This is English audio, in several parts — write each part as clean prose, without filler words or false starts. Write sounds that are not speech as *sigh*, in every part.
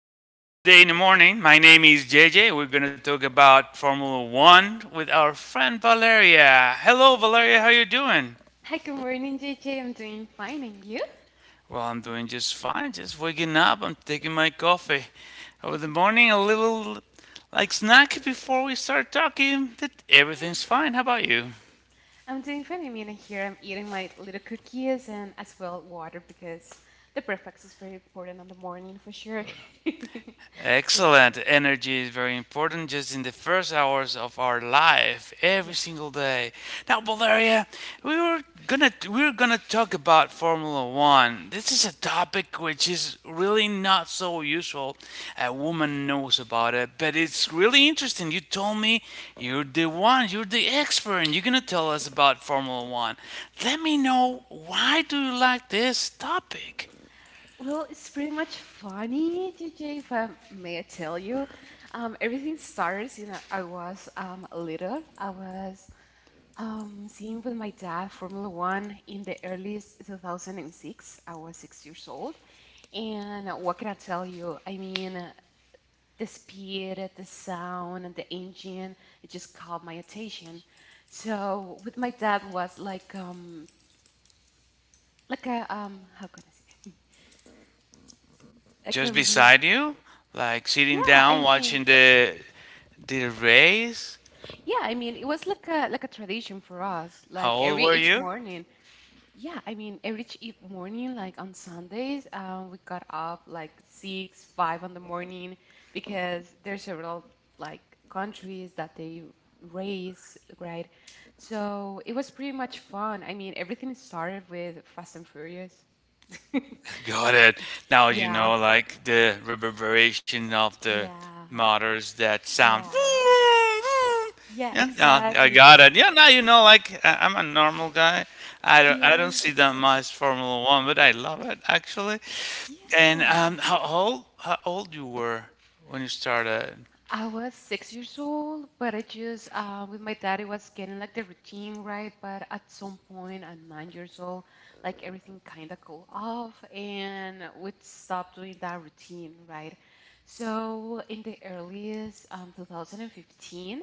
we are today in the morning. My name is JJ. We're going to talk about Formula One with our friend Valeria. Hello, Valeria. How are you doing? Hi, good morning, JJ. I'm doing fine, and you? Well, I'm doing just fine. Just waking up. I'm taking my coffee. Over the morning, a little like snack before we start talking. That Yeah. everything's fine. How about you? I'm doing fine. I mean, here I'm eating my little cookies and as well water because the breakfast is very important on the morning for sure. *laughs* So yeah, Excellent. Energy is very important just in the first hours of our life every yeah. single day. Now, Valeria, we were gonna talk about Formula One. This is a topic which is really not so usual. A woman knows about it, but it's really interesting. You told me you're the one, you're the expert, and you're gonna tell us about Formula One. Let me know, why do you like this topic? Well, it's pretty much funny, JJ, if I may tell you. Everything starts, I was little. I was seeing with my dad Formula One in the earliest 2006. I was 6 years old. And what can I tell you? I mean, the speed, the sound, and the engine, it just caught my attention. So with my dad was like a how can I say, *laughs* like a Just really, beside you, like sitting yeah, I down watching mean, the race. yeah, I mean, it was like a tradition for us. How Like old every were each you? morning, yeah, I mean, every morning, like on Sundays, we got up like six, five in the morning because there's several like countries that they race, right? So it was pretty much fun. I mean, everything started with Fast and Furious. *laughs* *laughs* Got it. Now you Yeah, know, like the reverberation of the yeah, motors that sound. yeah, yeah, Yeah, no, I exactly. got it. Yeah, now you know, like I'm a normal guy. I don't, I Yeah. don't see that much Formula One, but I love it actually. And Yeah. How old you were when you started? I was 6 years old, but I just with my dad it was getting like the routine, right? But at some point at 9 years old, like everything kind of cool off, and we stopped doing that routine, right? So in the earliest 2015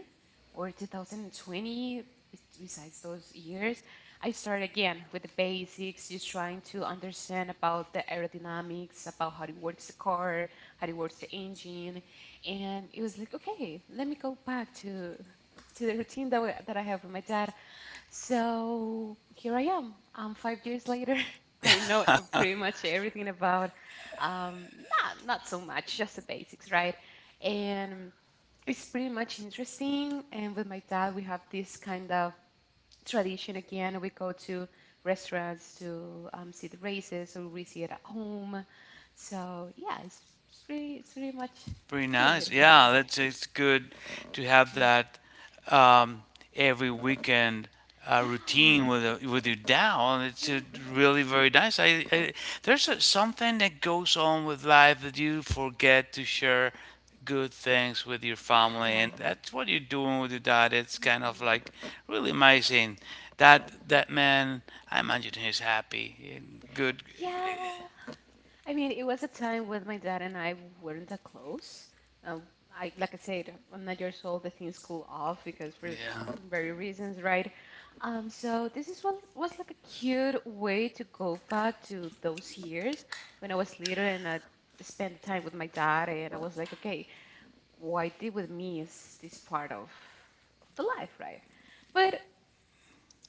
or 2020, besides those years, I started again with the basics, just trying to understand about the aerodynamics, about how it works the car, how it works the engine. And it was like, okay, let me go back to the routine that, that I have with my dad. So here I am, 5 years later. *laughs* I know pretty much everything about, um, not so much, just the basics, right? And it's pretty much interesting, and with my dad we have this kind of tradition again. We go to restaurants to, see the races, or we see it at home. So yeah, it's pretty, it's pretty much Pretty cute. nice. Yeah, Yeah, that's it's good to have yeah. that um, every weekend routine Yeah. With your DAO. It's Yeah. Really very nice. I There's something that goes on with life that you forget to share good things with your family, Yeah. and that's what you're doing with your dad. It's kind of Mhm. like really amazing. That man, I imagine he's happy and good. Yeah. I mean, it was a time when my dad and I weren't that close. Uh, like I said, I'm 9 years old, the things cool off because for Yeah. very reasons, right? So this is what was like a cute way to go back to those years when I was little and I spent time with my dad. And I was like, okay, what I did with me is this part of the life, right? But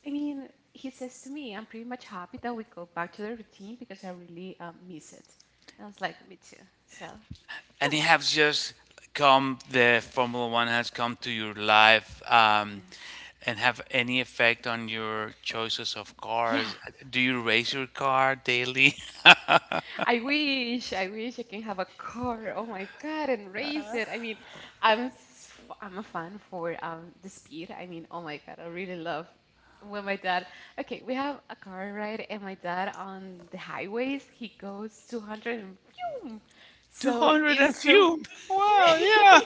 I mean, he says to me, "I'm pretty much happy that we go back to the routine because I really miss it." And I was like, "Me too." So And yeah, it has just come, the Formula One has come to your life, yeah, and have any effect on your choices of yeah. cars? Do you race your car daily? I wish I can have a car. Oh my God, and race it. I mean, I'm I'm a fan for the speed. I mean, oh my God, I really love when my dad, okay, we have a car ride, and my dad on the highways, he goes 200 and phew. *laughs* So 200 and it's so. few. *laughs* Wow. Yeah.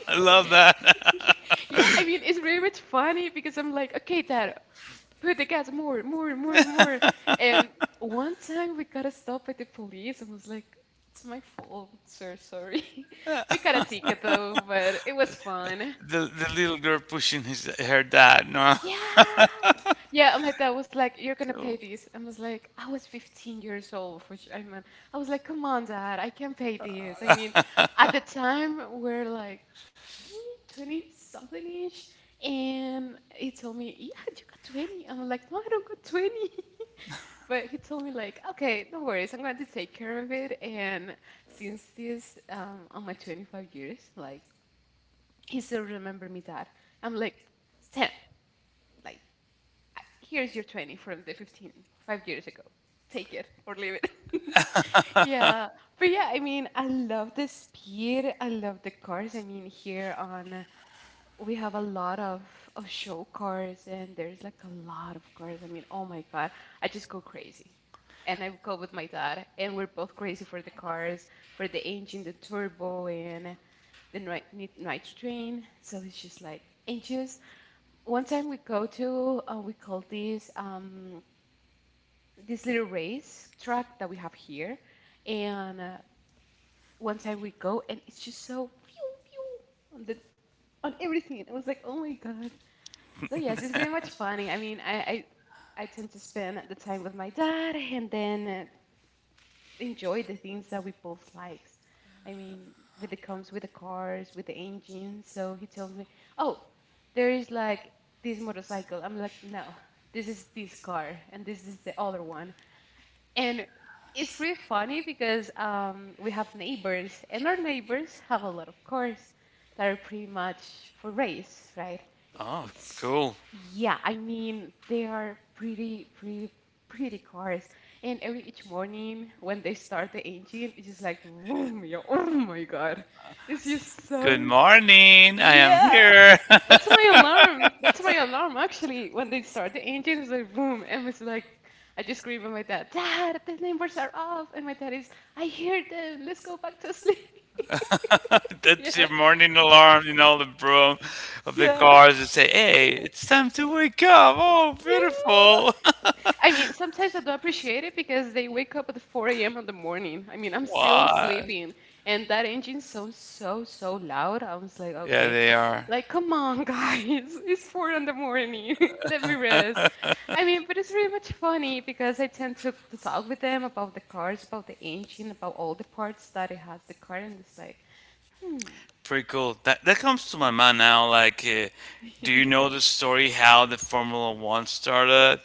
*laughs* I love that, Yeah, I mean, it's really much funny because I'm like, okay, dad, put the gas more, more, more, more. And one time we got stopped by the police and was like, it's my fault, sir, sorry. *laughs* We got a ticket though, but it was fun. the little girl pushing his her dad. No. Yeah. Yeah, and my dad was like, you're *laughs* gonna pay Cool. this. I was like, I was 15 years old, which I mean, I was like, come on, dad, I can pay this. I mean, *laughs* at the time, we're like 20, 20 something ish. And he told me, yeah, you got 20. I'm like, no, I don't got 20. But he told me like, okay, no worries, I'm going to take care of it. And since this, on my 25 years, like he still remember me that I'm like 10. Like, here's your 20 from the 15 5 years ago. Take it or leave it. *laughs* Yeah, but yeah, I mean, I love the speed. I love the cars. I mean, here on we have a lot of, show cars, and there's like a lot of cars. I mean, oh my God, I just go crazy, and I go with my dad, and we're both crazy for the cars, for the engine, the turbo, and the nitrogen. So it's just like anxious. One time we go to, we call this, this little race track that we have here, and one time we go, and it's just so phew, phew, on the on everything. I was like, oh my God. So yes, it's pretty much funny. I mean, I tend to spend the time with my dad and then enjoy the things that we both likes. I mean, with the comes with the cars, with the engines. So he tells me, "Oh, there is like this motorcycle." I'm like, "No, this is this car and this is the other one." And it's pretty funny because, we have neighbors, and our neighbors have a lot of cars that are pretty much for race, right? Oh, It's, cool. yeah, I mean, they are pretty, pretty cars. And every each morning when they start the engine, it's just like vroom, yo, oh my God. It's just Good so morning. I am yeah. here. *laughs* That's my alarm. That's my alarm, actually. When they start the engine, it's like boom, and it's like I just scream at my dad, dad, the numbers are off, and my dad is, I hear them. Let's go back to sleep. *laughs* *laughs* That's Yeah, your morning alarm in all the broom of the yeah. cars that say, hey, Yeah. it's time to wake up. Oh, beautiful. I mean, sometimes I do appreciate it because they wake up at 4 a.m. in the morning. I mean, I'm *laughs* still Why? sleeping, and that engine sounds so, so loud. I was like, Yeah, okay, they are. like, come on, guys, *laughs* it's 4 in the morning. *laughs* Let me rest. I mean, but it's really much funny because I tend to, talk with them about the cars, about the engine, about all the parts that it has the car, and it's like, hmm. Pretty cool. That comes to my mind now. Like, do you know the *laughs* story how the Formula One started?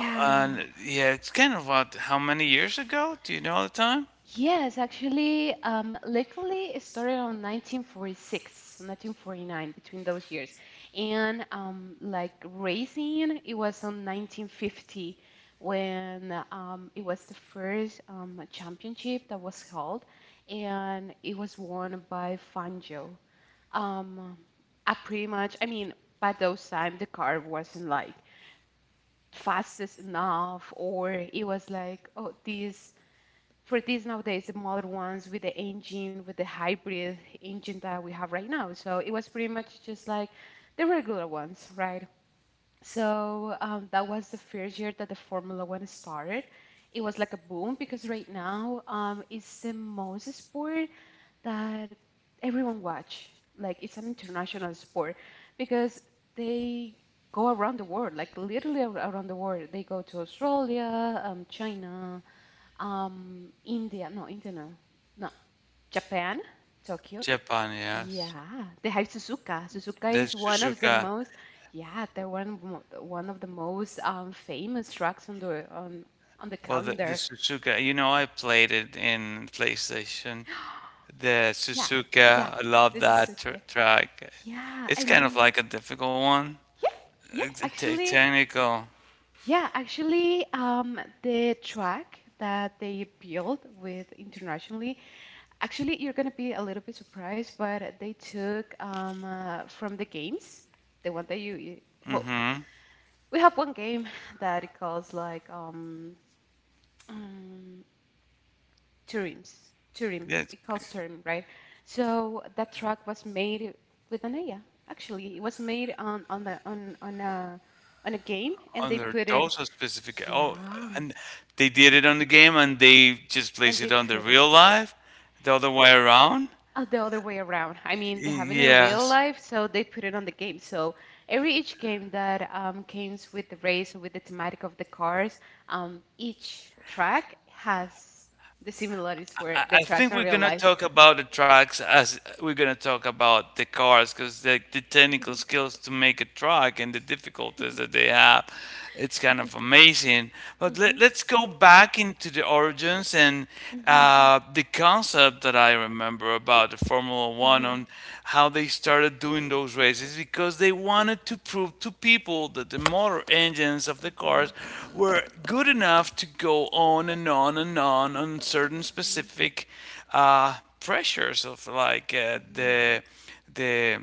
Uh, And yeah, it's kind of what how many years ago? Do you know the time? Yes, actually, luckily it started on 1946, 1949, between those years. And like racing, it was on 1950 when, it was the first championship that was held, and it was won by Fangio. Um, I pretty much, I mean, by those time the car wasn't like fastest enough. Or it was like, oh, these for these nowadays the modern ones with the engine, with the hybrid engine that we have right now. So it was pretty much just like the regular ones, right? So, that was the first year that the Formula One started. It was like a boom because right now, it's the most sport that everyone watch. Like, it's an international sport because they go around the world, like literally around the world. They go to Australia, China, India. No, India no, no, Japan, Tokyo. Japan, yes. Yeah, they have Suzuka. The Suzuka is one of the Suzuka. most, yeah, they're one of one of the most famous tracks on the on the Well, the calendar. Suzuka, I played it in PlayStation. *gasps* The Yeah, yeah, Suzuka, I love this is that tr okay. track. Yeah, It's I kind of mean, like a difficult one. yeah, yeah, It's actually, technical. yeah, actually, the track that they built with internationally, actually, you're gonna be a little bit surprised, but they took, from the games, the one that you, well, Mm-hmm. we have one game *laughs* that it calls like um, Turim's. Turim. Yeah, It calls Turim, right? So that truck was made with an AI. Actually, it was made on the on a on a game, and they under put it. those are specific. Oh, Yeah, and they did it on the game and they just and placed they it on the put it. real life, the other way around. The other way around. I mean, they Y- have it in real Yes. life, so they put it on the game. So every each game that, comes with the race or with the thematic of the cars, each track has the similarities for I the I tracks think in we're real gonna life. talk about the tracks as we're gonna talk about the cars, because the technical skills to make a track and the difficulties that they *laughs* have, it's kind of amazing. But let's go back into the origins and the concept that I remember about the Formula One, on how they started doing those races, because they wanted to prove to people that the motor engines of the cars were good enough to go on and on and on on certain specific uh, pressures of like the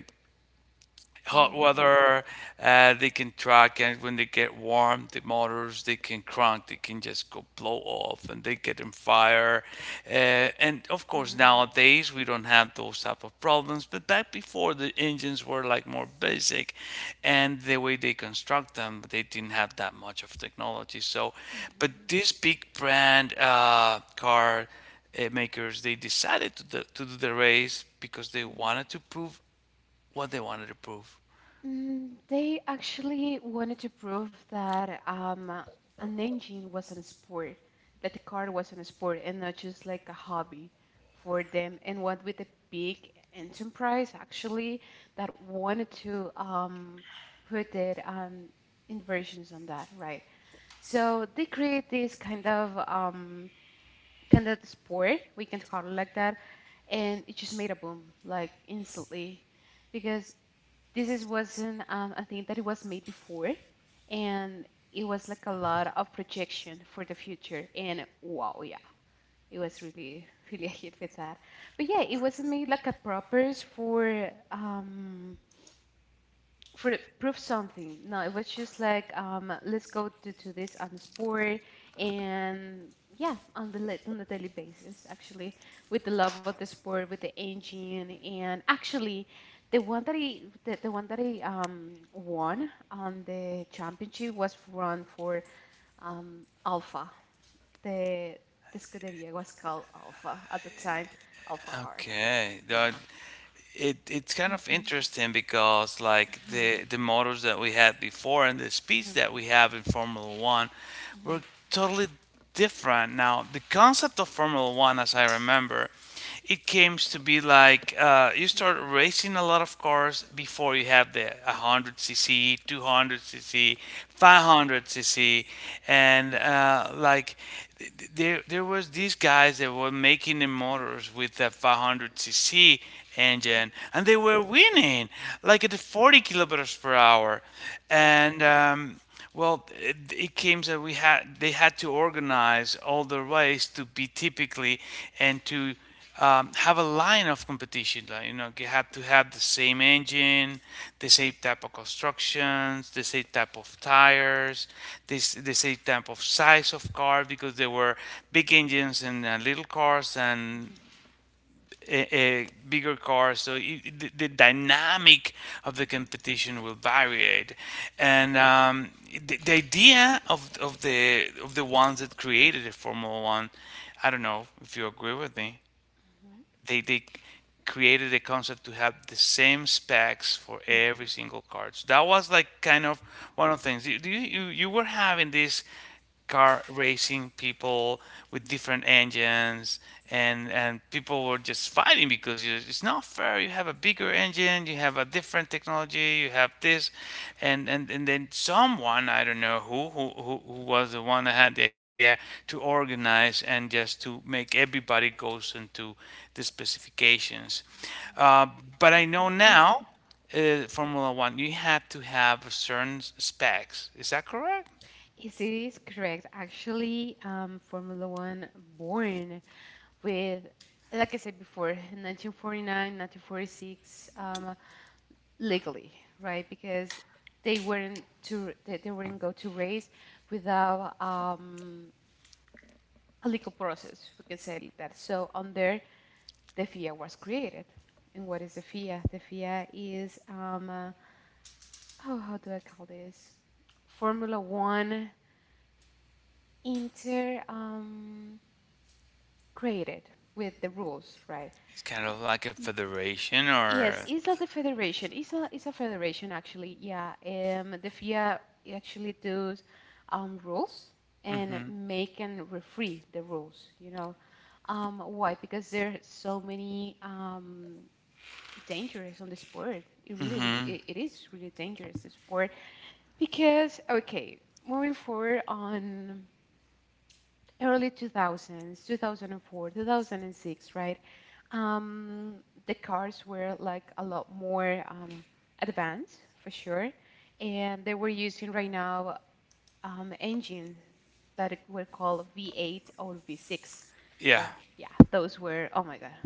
hot weather. They can track, and when they get warm, the motors they can crank. They can just go blow off, and they get in fire. Uh, and of course, Mhm. nowadays we don't have those type of problems. But back before, the engines were like more basic, and the way they construct them, they didn't have that much of technology. So, but Mhm. this big brand car makers, they decided to do, the race, because they Mhm. wanted to prove what they wanted to prove. Mm, they actually wanted to prove that, an engine was a sport, that the car was a sport and not just like a hobby for them. And what with the big enterprise actually that wanted to, put their, inversions on that, right? So they create this kind of, kind of sport, we can call it like that, and it just made a boom like instantly because this is wasn't, a thing that it was made before, and it was like a lot of projection for the future. And wow, yeah, it was really, really a hit with that. But yeah, it wasn't made like a propers for, prove something. No, it was just like let's go to this on sport, and yeah, on the daily basis actually, with the love of the sport, with the engine, and actually, the one that he won on the championship was run for Alpha. The the scuderia was called Alpha at the time, Alpha R. Okay, Yeah. that it it's kind Mhm, of mhm, interesting, because like mhm, the motors that we had before and the speeds that we have in Formula One mhm. were Mhm. totally different now. The concept of Formula One, as I remember, it came to be like you start racing a lot of cars before you have the 100 cc, 200 cc, 500 cc, and like there was these guys that were making the motors with the 500 cc engine, and they were winning like at the 40 kilometers per hour, Yeah. Mhm, and well, it came that we had they had to organize all the race to be typically and to have a line of competition. Like, you have to have the same engine, the same type of constructions, the same type of tires, this the same type of size of car, because there were big engines and little cars and a bigger cars, so the dynamic of the mhm, competition will vary. And the idea of the ones that created the Formula One, I don't know if you agree with me, mhm, they created a concept to have the same specs for mhm. every single card. So that was like kind of one of the things. You were having these car racing people with different engines, and people were just fighting because it's not fair, you have a bigger engine, you have a different technology, you have this, and then someone, I don't know who was the one that had the idea to organize and just to make everybody goes into the specifications. Uh, but I know now, Formula One, you had to have certain specs. Is that correct? Yes, it is correct. Actually, Formula One born with, like I said before, 1949, 1946. Legally, right? Because they weren't go to race without a legal process. We can say like that. So on there, the FIA was created. And what is the FIA? The FIA is oh, how do I call this? Formula One inter created with the rules, right? It's kind of like a federation or Yes, it's a the federation. It's a federation actually. Yeah, the FIA actually does rules and make and referee the rules. You know, why? Because there are so many dangers on the sport. It really, really, hmm it is really dangerous the sport. Because okay, moving forward on early 2000s, 2004, 2006, right? um, the cars were like a lot more advanced for sure, and they were using right now engines that were called V8 or V6, yeah, right? Yeah, those were, oh my God.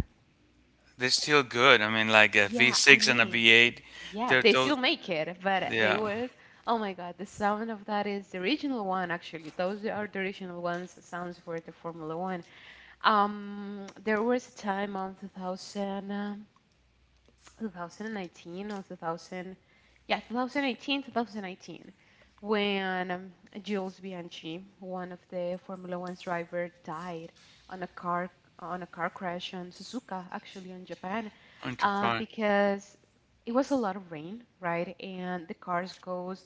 they're still good. I mean, like a Yeah, I V6 and a mean, V8, yeah, they're they those, still make it, but they yeah, were, oh my God, the sound of that is the original one. Actually, those are the original ones sounds for the Formula One. There was a time on 2000, 2019, or 2000, yeah, 2018, 2019, when Jules Bianchi, one of the Formula One's driver, died on a car crash on Suzuka, actually in Japan, into fine. because it was a lot of rain, right? And the cars goes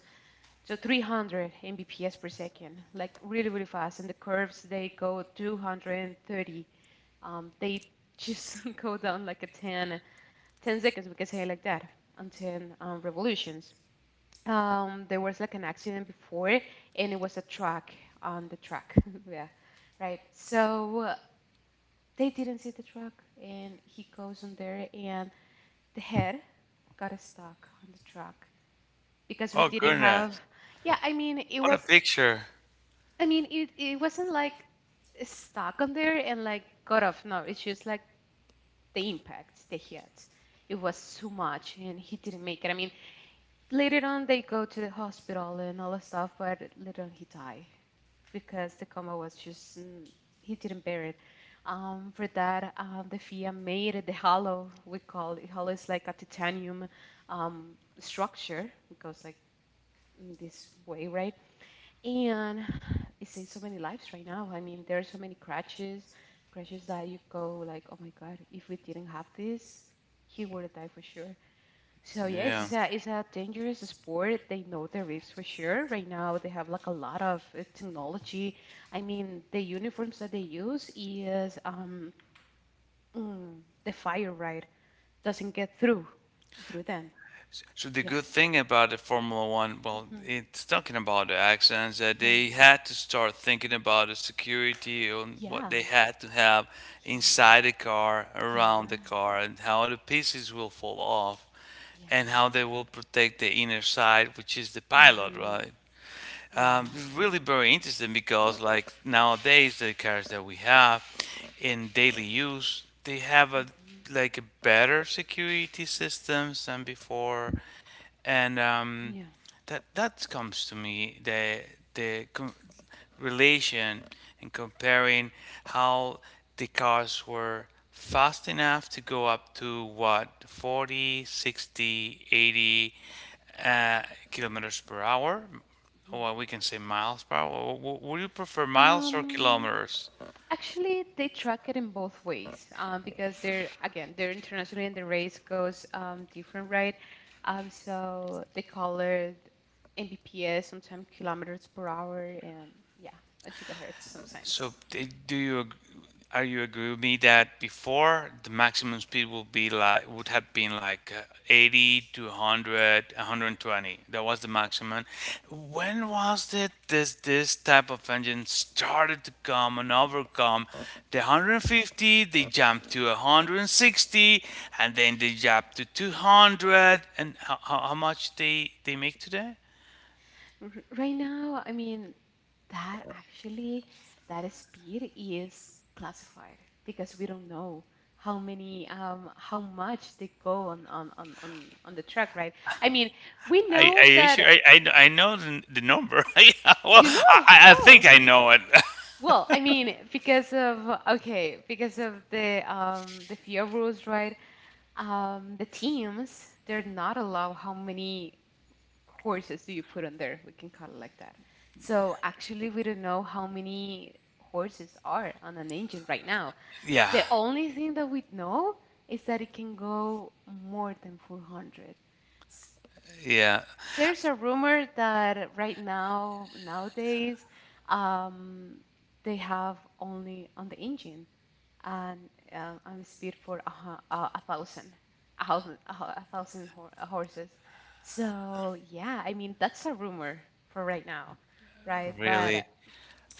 to 300 mbps per second, like really, really fast, and the curves they go 230. They just *laughs* go down like a 10 seconds, we can say like that, on 10 revolutions. There was like an accident before, and it was a truck on the track. *laughs* Yeah, right. So they didn't see the truck, and he goes on there, and the head got stuck on the truck because we Oh didn't have. goodness. Yeah, I mean, it What a was. picture. I mean, it wasn't like stuck on there and like got off. No, it's just like the impacts they had. It was too much, and he didn't make it. I mean, later on they go to the hospital and all that stuff, but later on he died because the coma was just he didn't bear it. For that, the FIA made the hollow. We call it hollow is like a titanium um, structure. It goes like this way, right? And it saves so many lives right now. I mean, there are so many crashes that you go like, oh my God, if we didn't have this, he would have died for sure. So yes, Yeah. it's a dangerous sport. They know the risks for sure. Right now, they have like a lot of technology. I mean, the uniforms that they use is the fire, right, doesn't get through them. So the Yeah. good thing about the Formula One, well, Hmm. it's talking about the accidents that Yeah. they had, to start thinking about the security and what Yeah. they had to have Yeah. inside the car, Yeah. around the car, and how the pieces will fall off, Yeah. and how they will protect the inner side, which is the pilot, Mm-hmm. right? Yeah. Um, really very interesting, because like nowadays the cars that we have in daily use, they have a Mm-hmm. like a better security systems than before, and Yeah. that comes to me, the relation and comparing how the cars were fast enough to go up to what 40, 60, 80 uh, kilometers per hour, or Mhm. we can say miles per hour. Would you prefer miles or Um, kilometers? Actually, they track it in both ways because they're internationally, and the race goes different, right? So they call it Mbps, sometimes kilometers per hour, and yeah, a gigahertz sometimes. So are you agree with me that before the maximum speed would would have been like 80 to hundred, one hundred one twenty. That was the maximum. When was it, this type of engine started to come and overcome the 150? They jumped to 160, and then they jumped to 200. And how much they make today? Right now, I mean, that actually, that speed is classified because we don't know how much they go on the track, right? I mean, we know Are you sure? that, I know the number. *laughs* Yeah, well, I oh, think I know it. *laughs* well, I mean, because of the FIA rules, right? The teams, they're not allowed. How many horses do you put on there? We can call it like that. So actually, we don't know how many horses are on an engine right now. Yeah. Yeah. The only thing that we know is that it can go more than 400. Yeah. There's a rumor that right now, nowadays, um, they have only on the engine, and I'm speed for a thousand, a thousand, a, hou- a thousand hor- horses. So yeah, I mean that's a rumor for right now, right? But Really.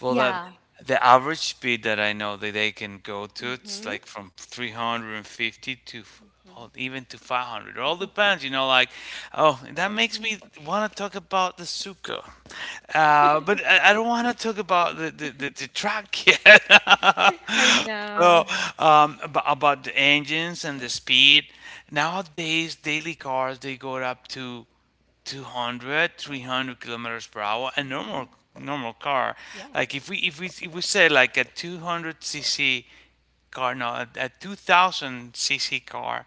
Well, that yeah. the average speed that I know that they can go to, it's Mhm. like from 350 to or Mhm. even to 500. It all depends, Like, oh, that makes Mhm. me want to talk about the Suco, but I don't want to talk about the track *laughs* yet. *laughs* I know. So, Yeah. About the engines and the speed. Nowadays, daily cars they go up to 200, 300 kilometers per hour, a normal car, Yeah. Mhm. like if we say like a 200 cc car, no, a 2000 cc car,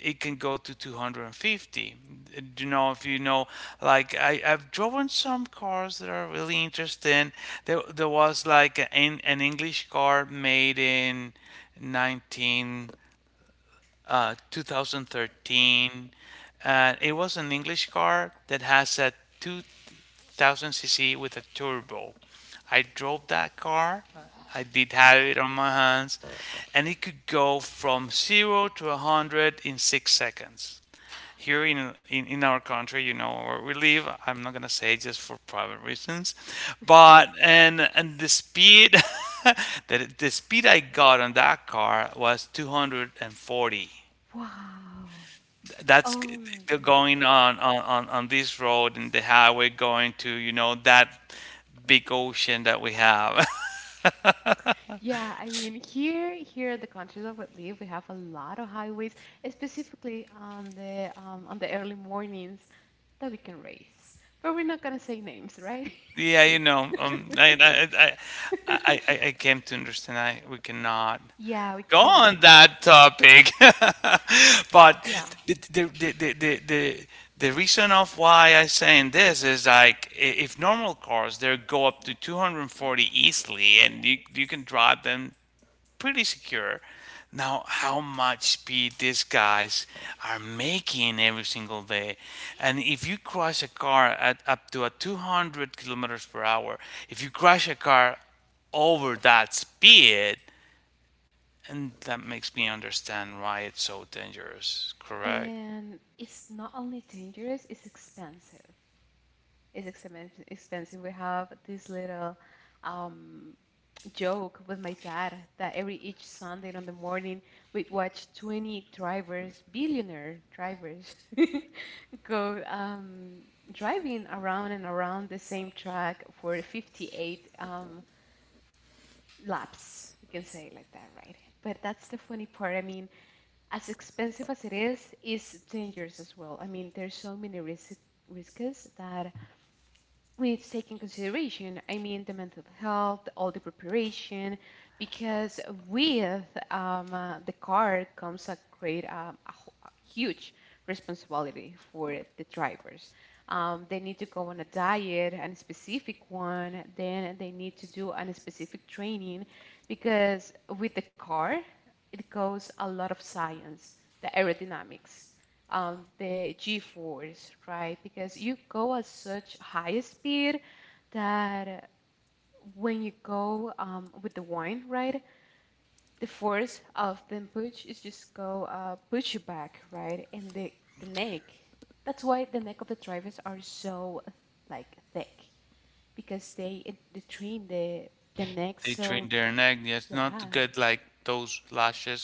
it can go to 250. If you know, like I've driven some cars that are really interesting. There was like an english car made in 19 uh, 2013. And it was an English car that has a 2000 cc with a turbo. I drove that car. I did have it on my hands, and it could go from zero to 100 in 6 seconds. Here in our country, you know where we live, I'm not gonna say, just for private reasons, but and the speed *laughs* that the speed I got on that car was 240. Wow. That's Oh my they're going God. on, on this road and the highway going to that big ocean that we have. *laughs* Yeah, I mean, here in the country that we live, we have a lot of highways, specifically on the early mornings that we can race. But we're not gonna say names, right? Yeah, I *laughs* came to understand, I we cannot Yeah, we go cannot. on that topic, *laughs* but Yeah. the the, the, the, the, the the reason of why I saying this is like, if normal cars they go up to 240 easily, and you Yes. can drive them pretty secure. Now, how much speed these guys are making every single day? And if you crash a car at up to a 200 kilometers per hour, if you crash a car over that speed, and that makes me understand why it's so dangerous. Correct? And it's not only dangerous, it's expensive. It's expensive. Expensive. We have these little um, joke with my dad that every each Sunday on the morning we'd watch 20 drivers, billionaire drivers, *laughs* go driving around and around the same track for 58 laps. We can say it like that, right? But that's the funny part. I mean, as expensive as it is, it's dangerous as well. I mean, there's so many risks that let's take in consideration, I mean, the mental health, all the preparation, because with the car comes a great, a, hu- a huge responsibility for the drivers. They need to go on a diet, and a specific one. Then they need to do a specific training because with the car, it goes a lot of science, the aerodynamics, the g-force, right? Because you go at such high speed that when you go with the wind, right, the force of the push is just go push you back, right, and the neck. That's why the neck of the drivers are so like thick because they train the neck, They so train their neck, yes, not to yeah, get like those lashes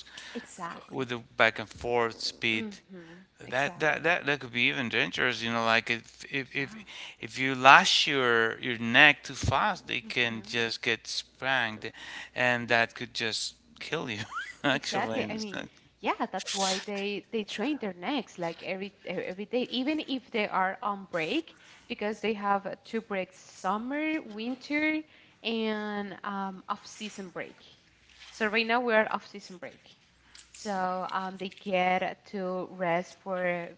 with exactly. the back and forth speed Mm-hmm, that that exactly, that, that could be even dangerous, you know, like if if if, yeah, if you lash your neck too fast, it can mm-hmm. just get sprung and that could just kill you *laughs* actually. Exactly. I mean, yeah, that's why they train their necks like every every day, even if they are on break, because they have two breaks: summer, winter, and off-season break. So right now we are off-season break. So they get to rest for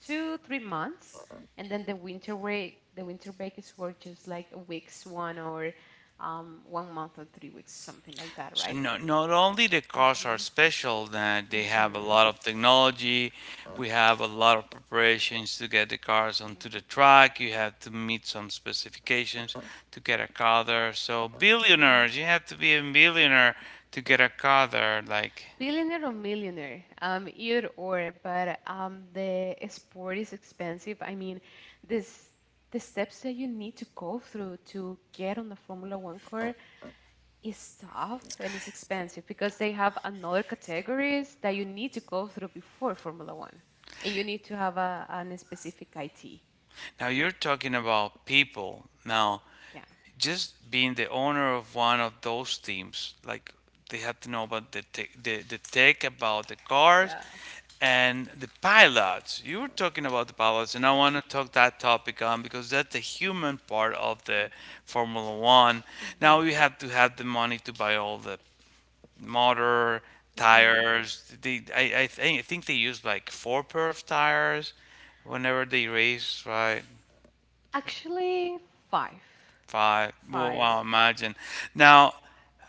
two, 3 months, and then the winter break. The winter break is for just like a week's one or 1 month or 3 weeks, something like that, So right? not only the cars are Hmm. special that they Hmm. have a Hmm. lot of technology, we have a lot of preparations to get the cars onto the track. You have to meet some specifications to get a car there. So billionaires, you have to be a billionaire to get a car there. Like Billionaire or millionaire, either or, but the sport is expensive. I mean, this the steps that you need to go through to get on the Formula One car, it's tough and it's expensive because they have another categories that you need to go through before Formula One, and you need to have a an specific IT. now you're talking about people. Now Yeah. just being the owner of one of those teams, like they have to know about the tech about the cars Yeah. and the pilots. You were talking about the pilots, and I want to talk that topic on because that's the human part of the Okay. Formula One. Mhm. Now you have to have the money to buy all the motor Mhm. tires. They, I think they use like four pair of tires whenever they race, right? Actually, five, Five. Well, five, well, imagine. Now,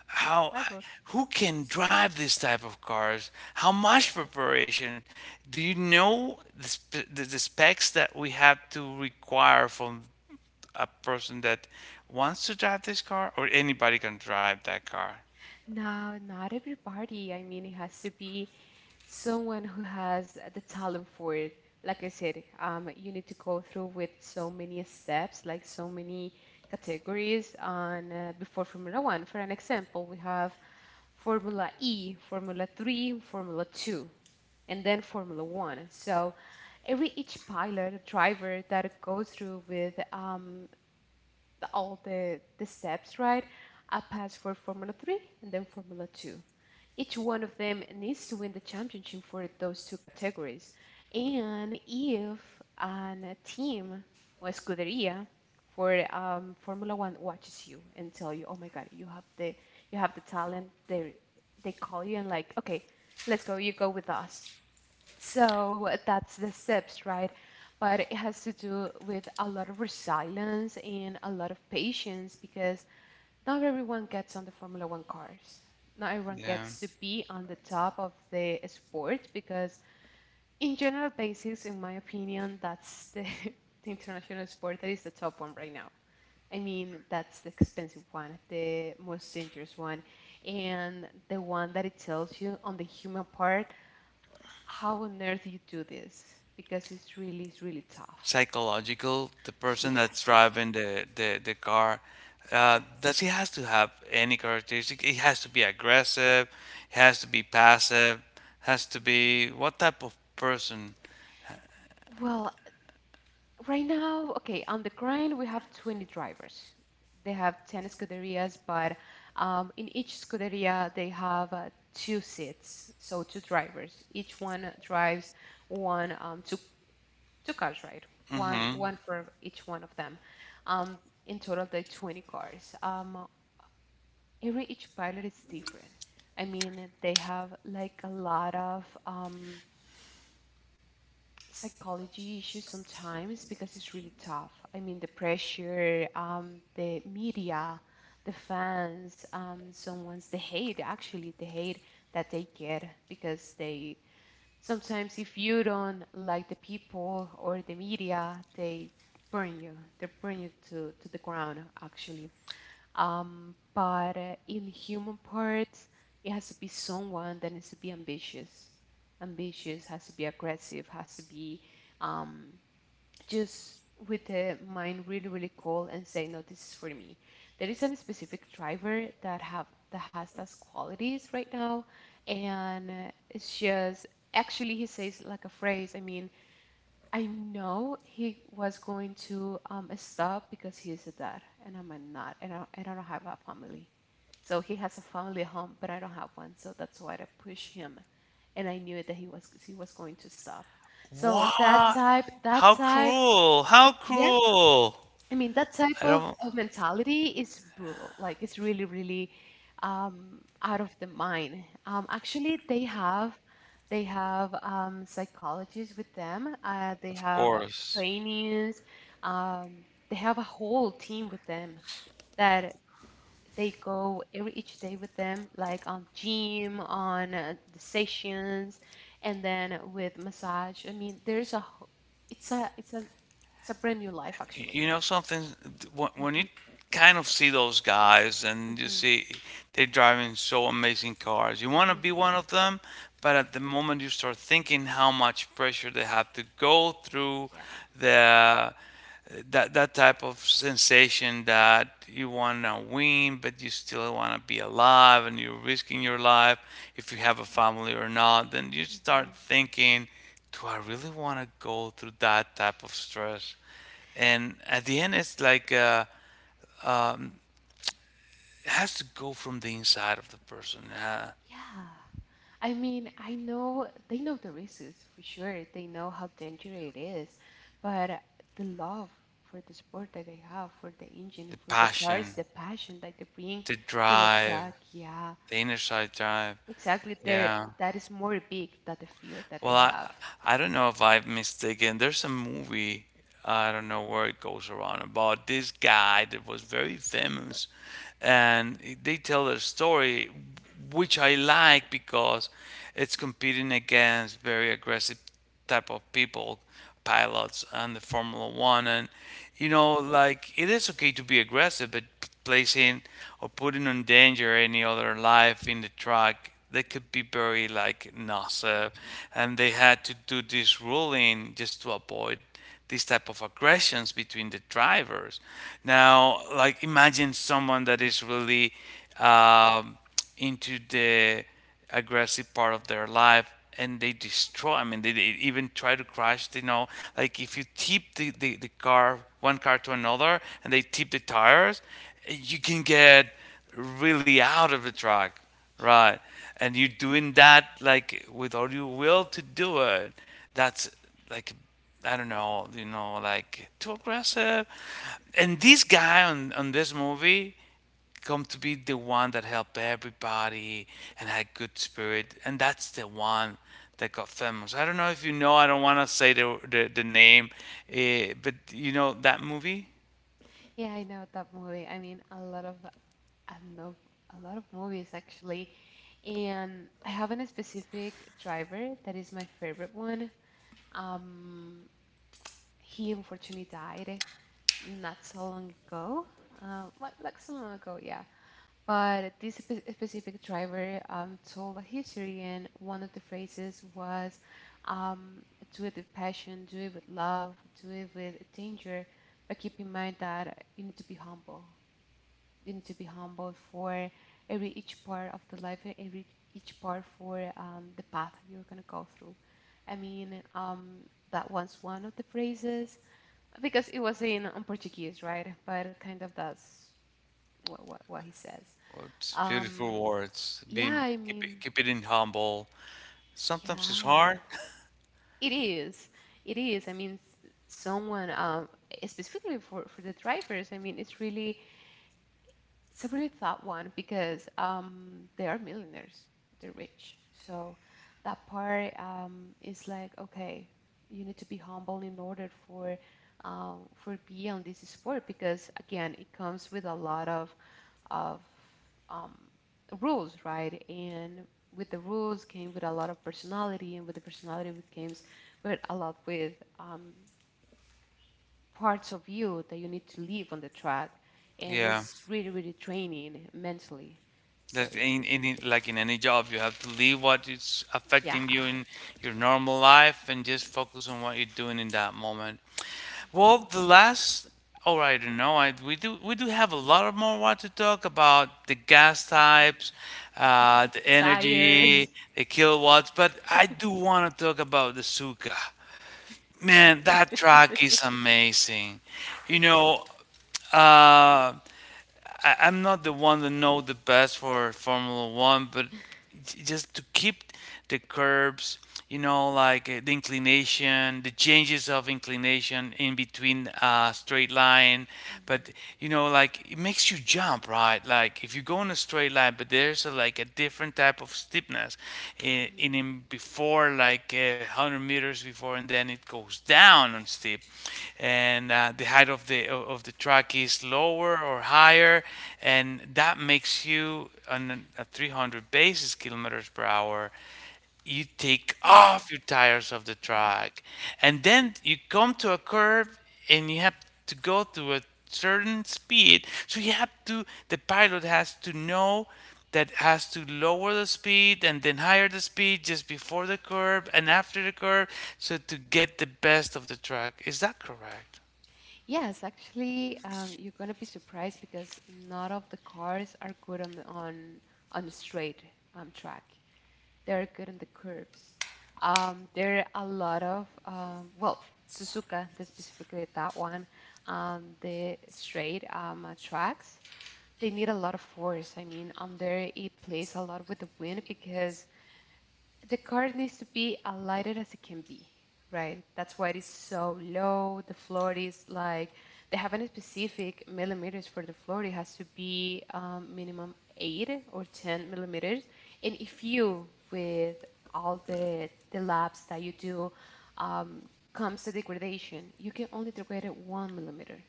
how five. Or who can drive this type of cars? How much preparation? Do you know, the specs that we have to require from a person that wants to drive this car, or anybody can drive that car? no, not everybody. I mean, it has to be someone who has the talent for it. Like I said, you need to go through with so many steps, like so many categories on, before Formula One. For an example, we have Formula E, Formula 3, Formula 2, and then Formula 1. So every each pilot, driver that goes through with the steps, right? I pass for Formula 3 and then Formula 2. Each one of them needs to win the championship for those two categories. And if a team or Scuderia for Formula One watches you and tell you, "Oh my God, you have the talent," they call you and like, "Okay, let's go. You go with us." So that's the steps, right? But it has to do with a lot of resilience and a lot of patience because not everyone gets on the Formula One cars. Not everyone Yeah, gets to be on the top of the sport because, in general basis, in my opinion, that's the, *laughs* the international sport that is the top one right now. I mean, that's the expensive one, the most dangerous one, and the one that it tells you on the human part how on earth you do this because it's really tough. psychological. The person that's Yes. driving the, car, Yes. does he has to have any characteristic? He has to be aggressive, he has to be passive, has to be what type of person? Well, right now, okay, on the grind, we have 20 drivers. They have 10 scuderias, but in each scuderia, they have two seats, so two drivers. Each one drives one, two cars, right? Hmm One for each one of them. Um, in total, there are 20 cars. Every each pilot is different. I mean, they have like a lot of psychology issues sometimes because it's really tough. I mean, the pressure, the media, the fans, someone's the hate, actually, the hate that they get because they sometimes, if you don't like the people or the media, They burn you. They burn you to the ground actually. But in human parts, it has to be someone that needs to be ambitious. Ambitious has to be aggressive, has to be um, just with the mind really, really cold and say, no, this is for me. There is a specific driver that have that has those qualities right now, and it's just actually he says like a phrase. I mean, I know he was going to stop because he is a dad, and I'm a not, and I don't have a family. So he has a family at home, but I don't have one. So that's why I pushed him, and I knew that he was going to stop. So what How cruel? How yeah, cruel? I mean, that type I of, don't. of mentality is brutal. Like, it's really, really out of the mind. Actually, they have psychologists with them. They Of have course. trainees. Um, they have a whole team with them that they go every each day with them, like on gym, on the sessions, and then with massage. I mean, there's it's a it's a it's a brand new life actually. You know something? Hmm. When you Hmm. kind of see those guys and you Hmm. see they're driving so amazing cars, you want to be one of them. But at the moment you start thinking how much pressure they have to go through, Yeah. the that that type of sensation that you want to win, but you still want to be alive, and you're risking your life if you have a family or not. Then you start Hmm. thinking, do I really want to go through that type of stress? And at the end it's like, it has to go from the inside of the person. uh, Yeah. I mean, I know they know the risks for sure. They know how dangerous it is, but the love for the sport that they have, for the the engine, for the cars, passion, the passion that they bring the to the drive, track, yeah, the inner side drive. exactly. There, Yeah. that is more big than the fear that they Well, i have. i don't know if I've mistaken, there's a movie, I don't know where it goes around, about this guy that was very famous and they tell their story, which I like because it's competing against very aggressive type of people, pilots and the Formula One, and you know, like it is okay to be aggressive, but placing or putting in danger any other life in the track, they could be very like NASA, and they had to do this ruling just to avoid these type of aggressions between the drivers. Now, like imagine someone that is really um, into the aggressive part of their life and they destroy, I mean, they even try to crash, you know, like if you tip the car, one car to another, and they tip the tires, you can get really out of the track, right? And you're doing that like with all your will to do it. That's like, I don't know, you know, like too aggressive. And this guy on this movie, come to be the one that helped everybody and had good spirit, and that's the one that got famous. I don't know if you know, I don't want to say the name, but you know that movie. Yeah, I know that movie. I mean, a lot of I know a lot of movies actually, and I have a specific driver that is my favorite one. Um, he unfortunately died not so long ago. What, like so long ago, yeah. But this specific driver told a history, and one of the phrases was, um, "Do it with passion, do it with love, do it with danger." But keep in mind that you need to be humble. You need to be humble for every each part of the life, and every each part for the path you're gonna go through. I mean, that was one of the phrases because it was in on Portuguese, right? But kind of that's what what he says. Oh, it's Um, beautiful words. yeah, Being I mean, keep it in humble, sometimes it's yeah, hard. it is, it is. I mean, someone specifically for the drivers. I mean, It's a really tough one because they are millionaires, they're rich. So that part is like, okay, you need to be humble in order for be on this sport because again, it comes with a lot of um, rules, right? And with the rules came with a lot of personality, and with the personality came with a lot with um, parts of you that you need to leave on the track, and Yeah. it's really really training mentally, so That yeah, in any, like in any job, you have to leave what is yeah. affecting you *laughs* in your normal life and just focus on what you're doing in that moment. Well, the last, oh I don't know, we do, we do have a lot of more what to talk about the gas types, Mhm. The Tires. energy, the kilowatts, but I do want to talk about the Suka. Man, that track is amazing. You know, uh, I'm not the one that know the best for Formula One, but just to keep the curbs, you know, like the inclination, the changes of inclination in between, straight line, Mhm. but Mhm. you know, like it makes you jump, right? Like if you go in a straight line, but there's a, like a different type of steepness in before, like 100 meters before, and then it goes down on steep, and the height of the track track is lower or higher, and that makes you on a 300 basis kilometers per hour. You take off your tires of the track, and then you come to a curve, and you have to go to a certain speed. So you have to. The pilot has to know that, has to lower the speed and then higher the speed just before the curve and after the curve, so to get the best of the track, is that correct? Yes, actually, you're gonna be surprised because none of the cars are good on the straight track. They're good in the curves. There are a lot of, well, Suzuka, specifically that one, the straight tracks, they need a lot of force. I mean, on there, it plays a lot with the wind because the card needs to be as lighted as it can be, right? That's why it is so low. The floor is like they have any specific millimeters for the floor. It has to be minimum 8 or 10 millimeters. And if you, with all the labs that you do, um, comes to degradation, you can only degrade it 1 millimeter.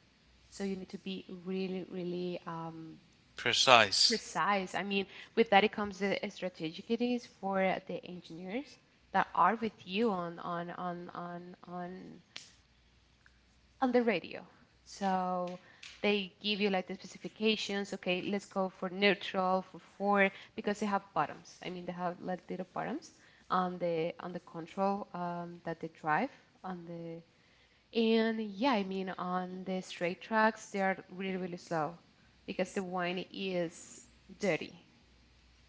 So you need to be really, really Precise. precise. I mean, with that, it comes the strategic it is for the engineers that are with you on the radio. So they give you like the specifications. Okay, let's go for neutral for four because they have bottoms. I mean, they have like little bottoms on the control that they drive on the, and yeah, I mean on the straight tracks they are really really slow because the wine is dirty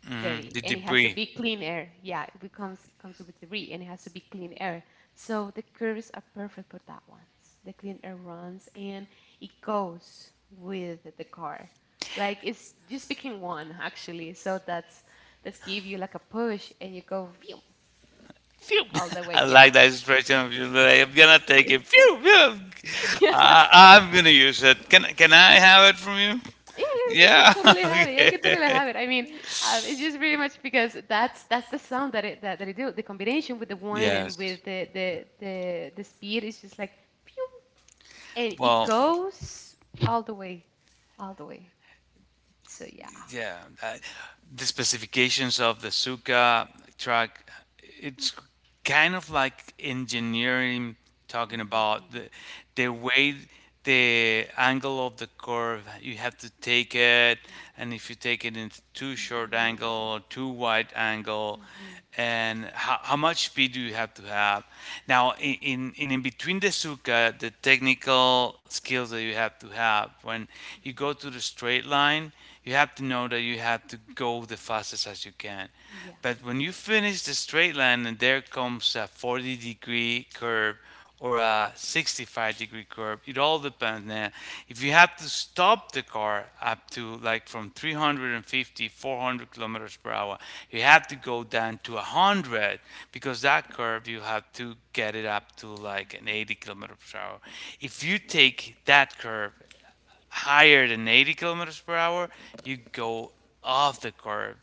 Hmm. dirty The and it has to debris. be clean air. Yeah, it comes with three and it has to be clean air. So the curves are perfect for that one. The clean air runs and it goes with the car. Like it's just picking one actually. So that's give you like a push and you go phew, Phew. all the *laughs* way. I Yeah. like that expression of you. Like, I'm gonna take it. Phew, phew. *laughs* *laughs* I'm gonna use it. Can I have it from you? Yeah, yeah, you can Yeah. *laughs* totally have it. Yeah, you can totally Okay. have it. I mean, it's just pretty much because that's the sound that it that, that it do. The combination with the wine and Yes. with the speed is just like phew, and it Well. goes all the way, all the way. So yeah. Yeah, the specifications of the Suka track, it's kind of like engineering, talking about the way, the angle of the curve, you have to take it, and if you take it in too short Mhm. angle or too wide angle, Mhm. and how much speed do you have to have. Now, Mhm. between the Mhm. Suka, the technical skills that you have to have, when you go to the straight line you have to know that you have to go the fastest as you can, Yeah. but when you finish the straight line and there comes a 40-degree curve or a 65-degree curve. It all depends. Now, if you have to stop the car up to like from 350, 400 kilometers per hour, you have to go down to 100, because that curve you have to get it up to like an 80 kilometers per hour. If you take that curve higher than 80 kilometers per hour, you go off the curve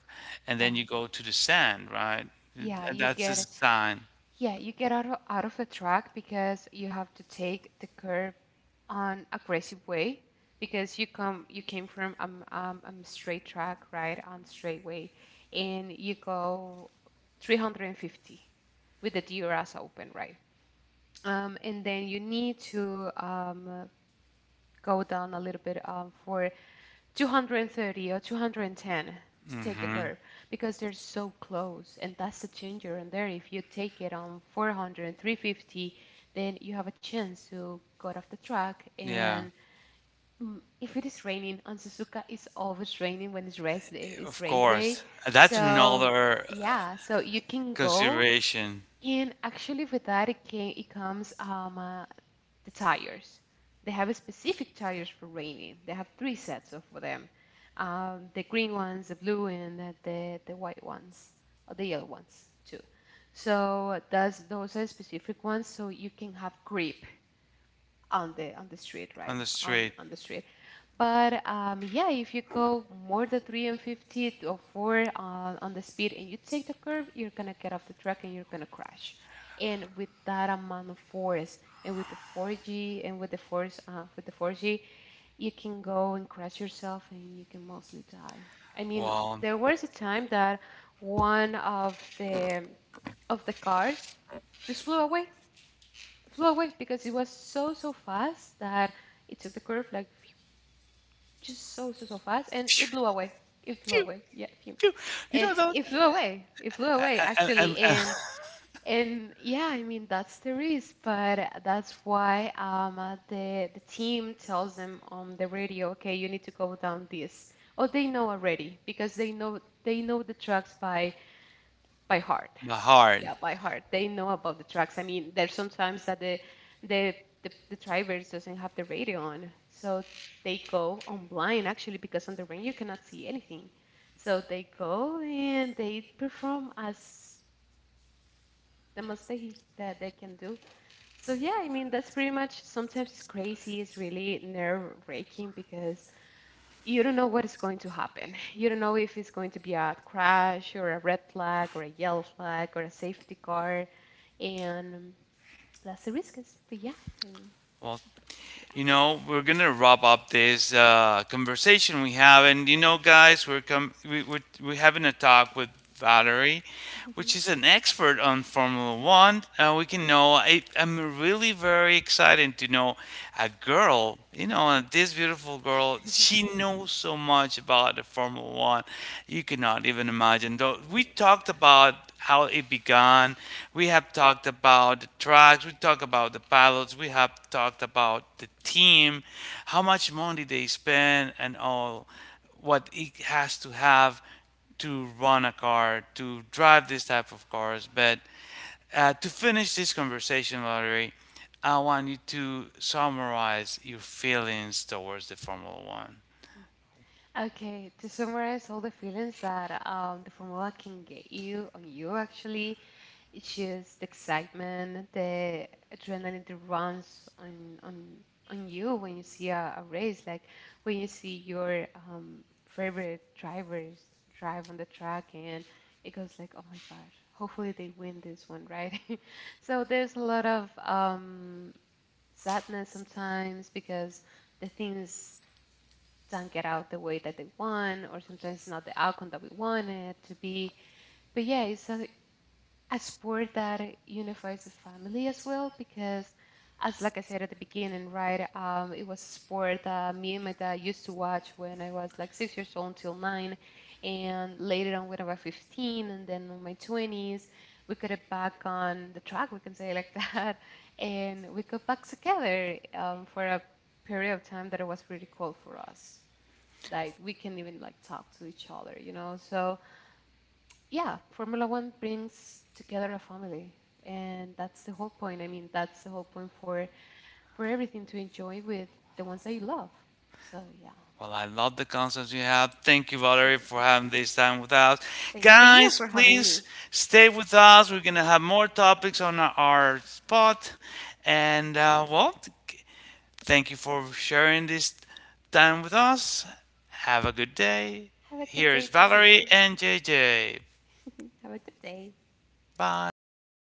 and then Yeah. you go to the sand, right? Yeah, And you that's a get sign. yeah, you get out of the track because you have to take the curve on aggressive way because you came from straight track, right, on straight way and you go 350 with the DRS open, right? And then you need to go down a little bit for 230 or 210 to take the Mm-hmm. curve because they're so close. And that's the danger in there. If you take it on 400, then you have a chance to go off the track. Yeah. And if it is raining on Suzuka, it's always raining when it's race day. It's Of race day. course. That's So, another yeah, so you can go. consideration And actually, with that, it comes the tires. They have a specific tires for raining. They have three sets of them. The green ones, the blue, and the white ones, or the yellow ones too. So those are specific ones, so you can have grip on the street, on right? the On street. on the street. But yeah, if you go more than 350 or 4 on the speed and you take the curve, you're going to get off the track and you're going to crash. And with that amount of force and with the 4G and with the force with the 4G, you can go and crash yourself and you can mostly die. I mean, Wow. there was a time that one of the cars just flew away because it was so so fast that it took the curve like phew, just so so so fast, and it blew away it flew Phew, away, yeah, a phew, phew. You know and that. it flew away And, actually, and, and, and yeah, I mean that's the risk, but that's why the team tells them on the radio, okay, you need to go down this. Oh, they know already because they know the tracks by heart, My heart. yeah, by heart. They know about the tracks. I mean, there's sometimes that the the drivers doesn't have the radio on, so they go on blind actually because on the rain you cannot see anything. So they go and they perform as the most that they can do. So yeah, I mean that's pretty much sometimes it's crazy, it's really nerve-wracking because you don't know what is going to happen. *laughs* You don't know if it's going to be a crash or a red flag or a yellow flag or a safety car, and that's the risk, but yeah, I mean, Well, you know, we're gonna wrap up this conversation we have, and you know, guys, we're we're having a talk with Valerie, which yeah. is an expert on Formula One. We can know. I'm really very excited to know a girl. You know, this beautiful girl. She *laughs* knows so much about the Formula One. *laughs* You cannot even imagine. Though we talked about how it began. We have talked about the tracks, we talked about the pilots, we have talked about the team, how much money they spend, and all what it has to have to run a car, to drive this type of cars. But to finish this conversation, Valerie, I want you to summarize your feelings towards the Formula One. Okay, to summarize all the feelings that the formula can get you on you actually, it's just the excitement, the adrenaline that runs on you when you see a race, like when you see your favorite drivers drive on the track, and it goes like, oh my God, hopefully they win this one, right? *laughs* So there's a lot of sadness sometimes because the things don't get out the way that they want, or sometimes it's not the outcome that we want it to be. But yeah, it's a sport that unifies the family as well because, as like I said at the beginning, right, it was a sport that me and my dad used to watch when I was like 6 years old until 9, and later on when I was 15, and then in my 20s, we got it back on the track, we can say it like *laughs* that, and we got back together for a period of time that it was really cool for us, like we can even like talk to each other. So yeah, Formula One brings together a family, and that's the whole point. I mean, that's the whole point for everything, to enjoy with the ones that you love, so yeah. Well, I love the concepts you have. Thank you, Valerie, for having *laughs* this time with us. Thanks to you Guys, for having please me. stay with us. We're going to have more topics on our spot. And, well, thank you for sharing this time with us. Have a good day. Have a good Here is day Valerie too. and JJ. *laughs* Have a good day. Bye. Bye.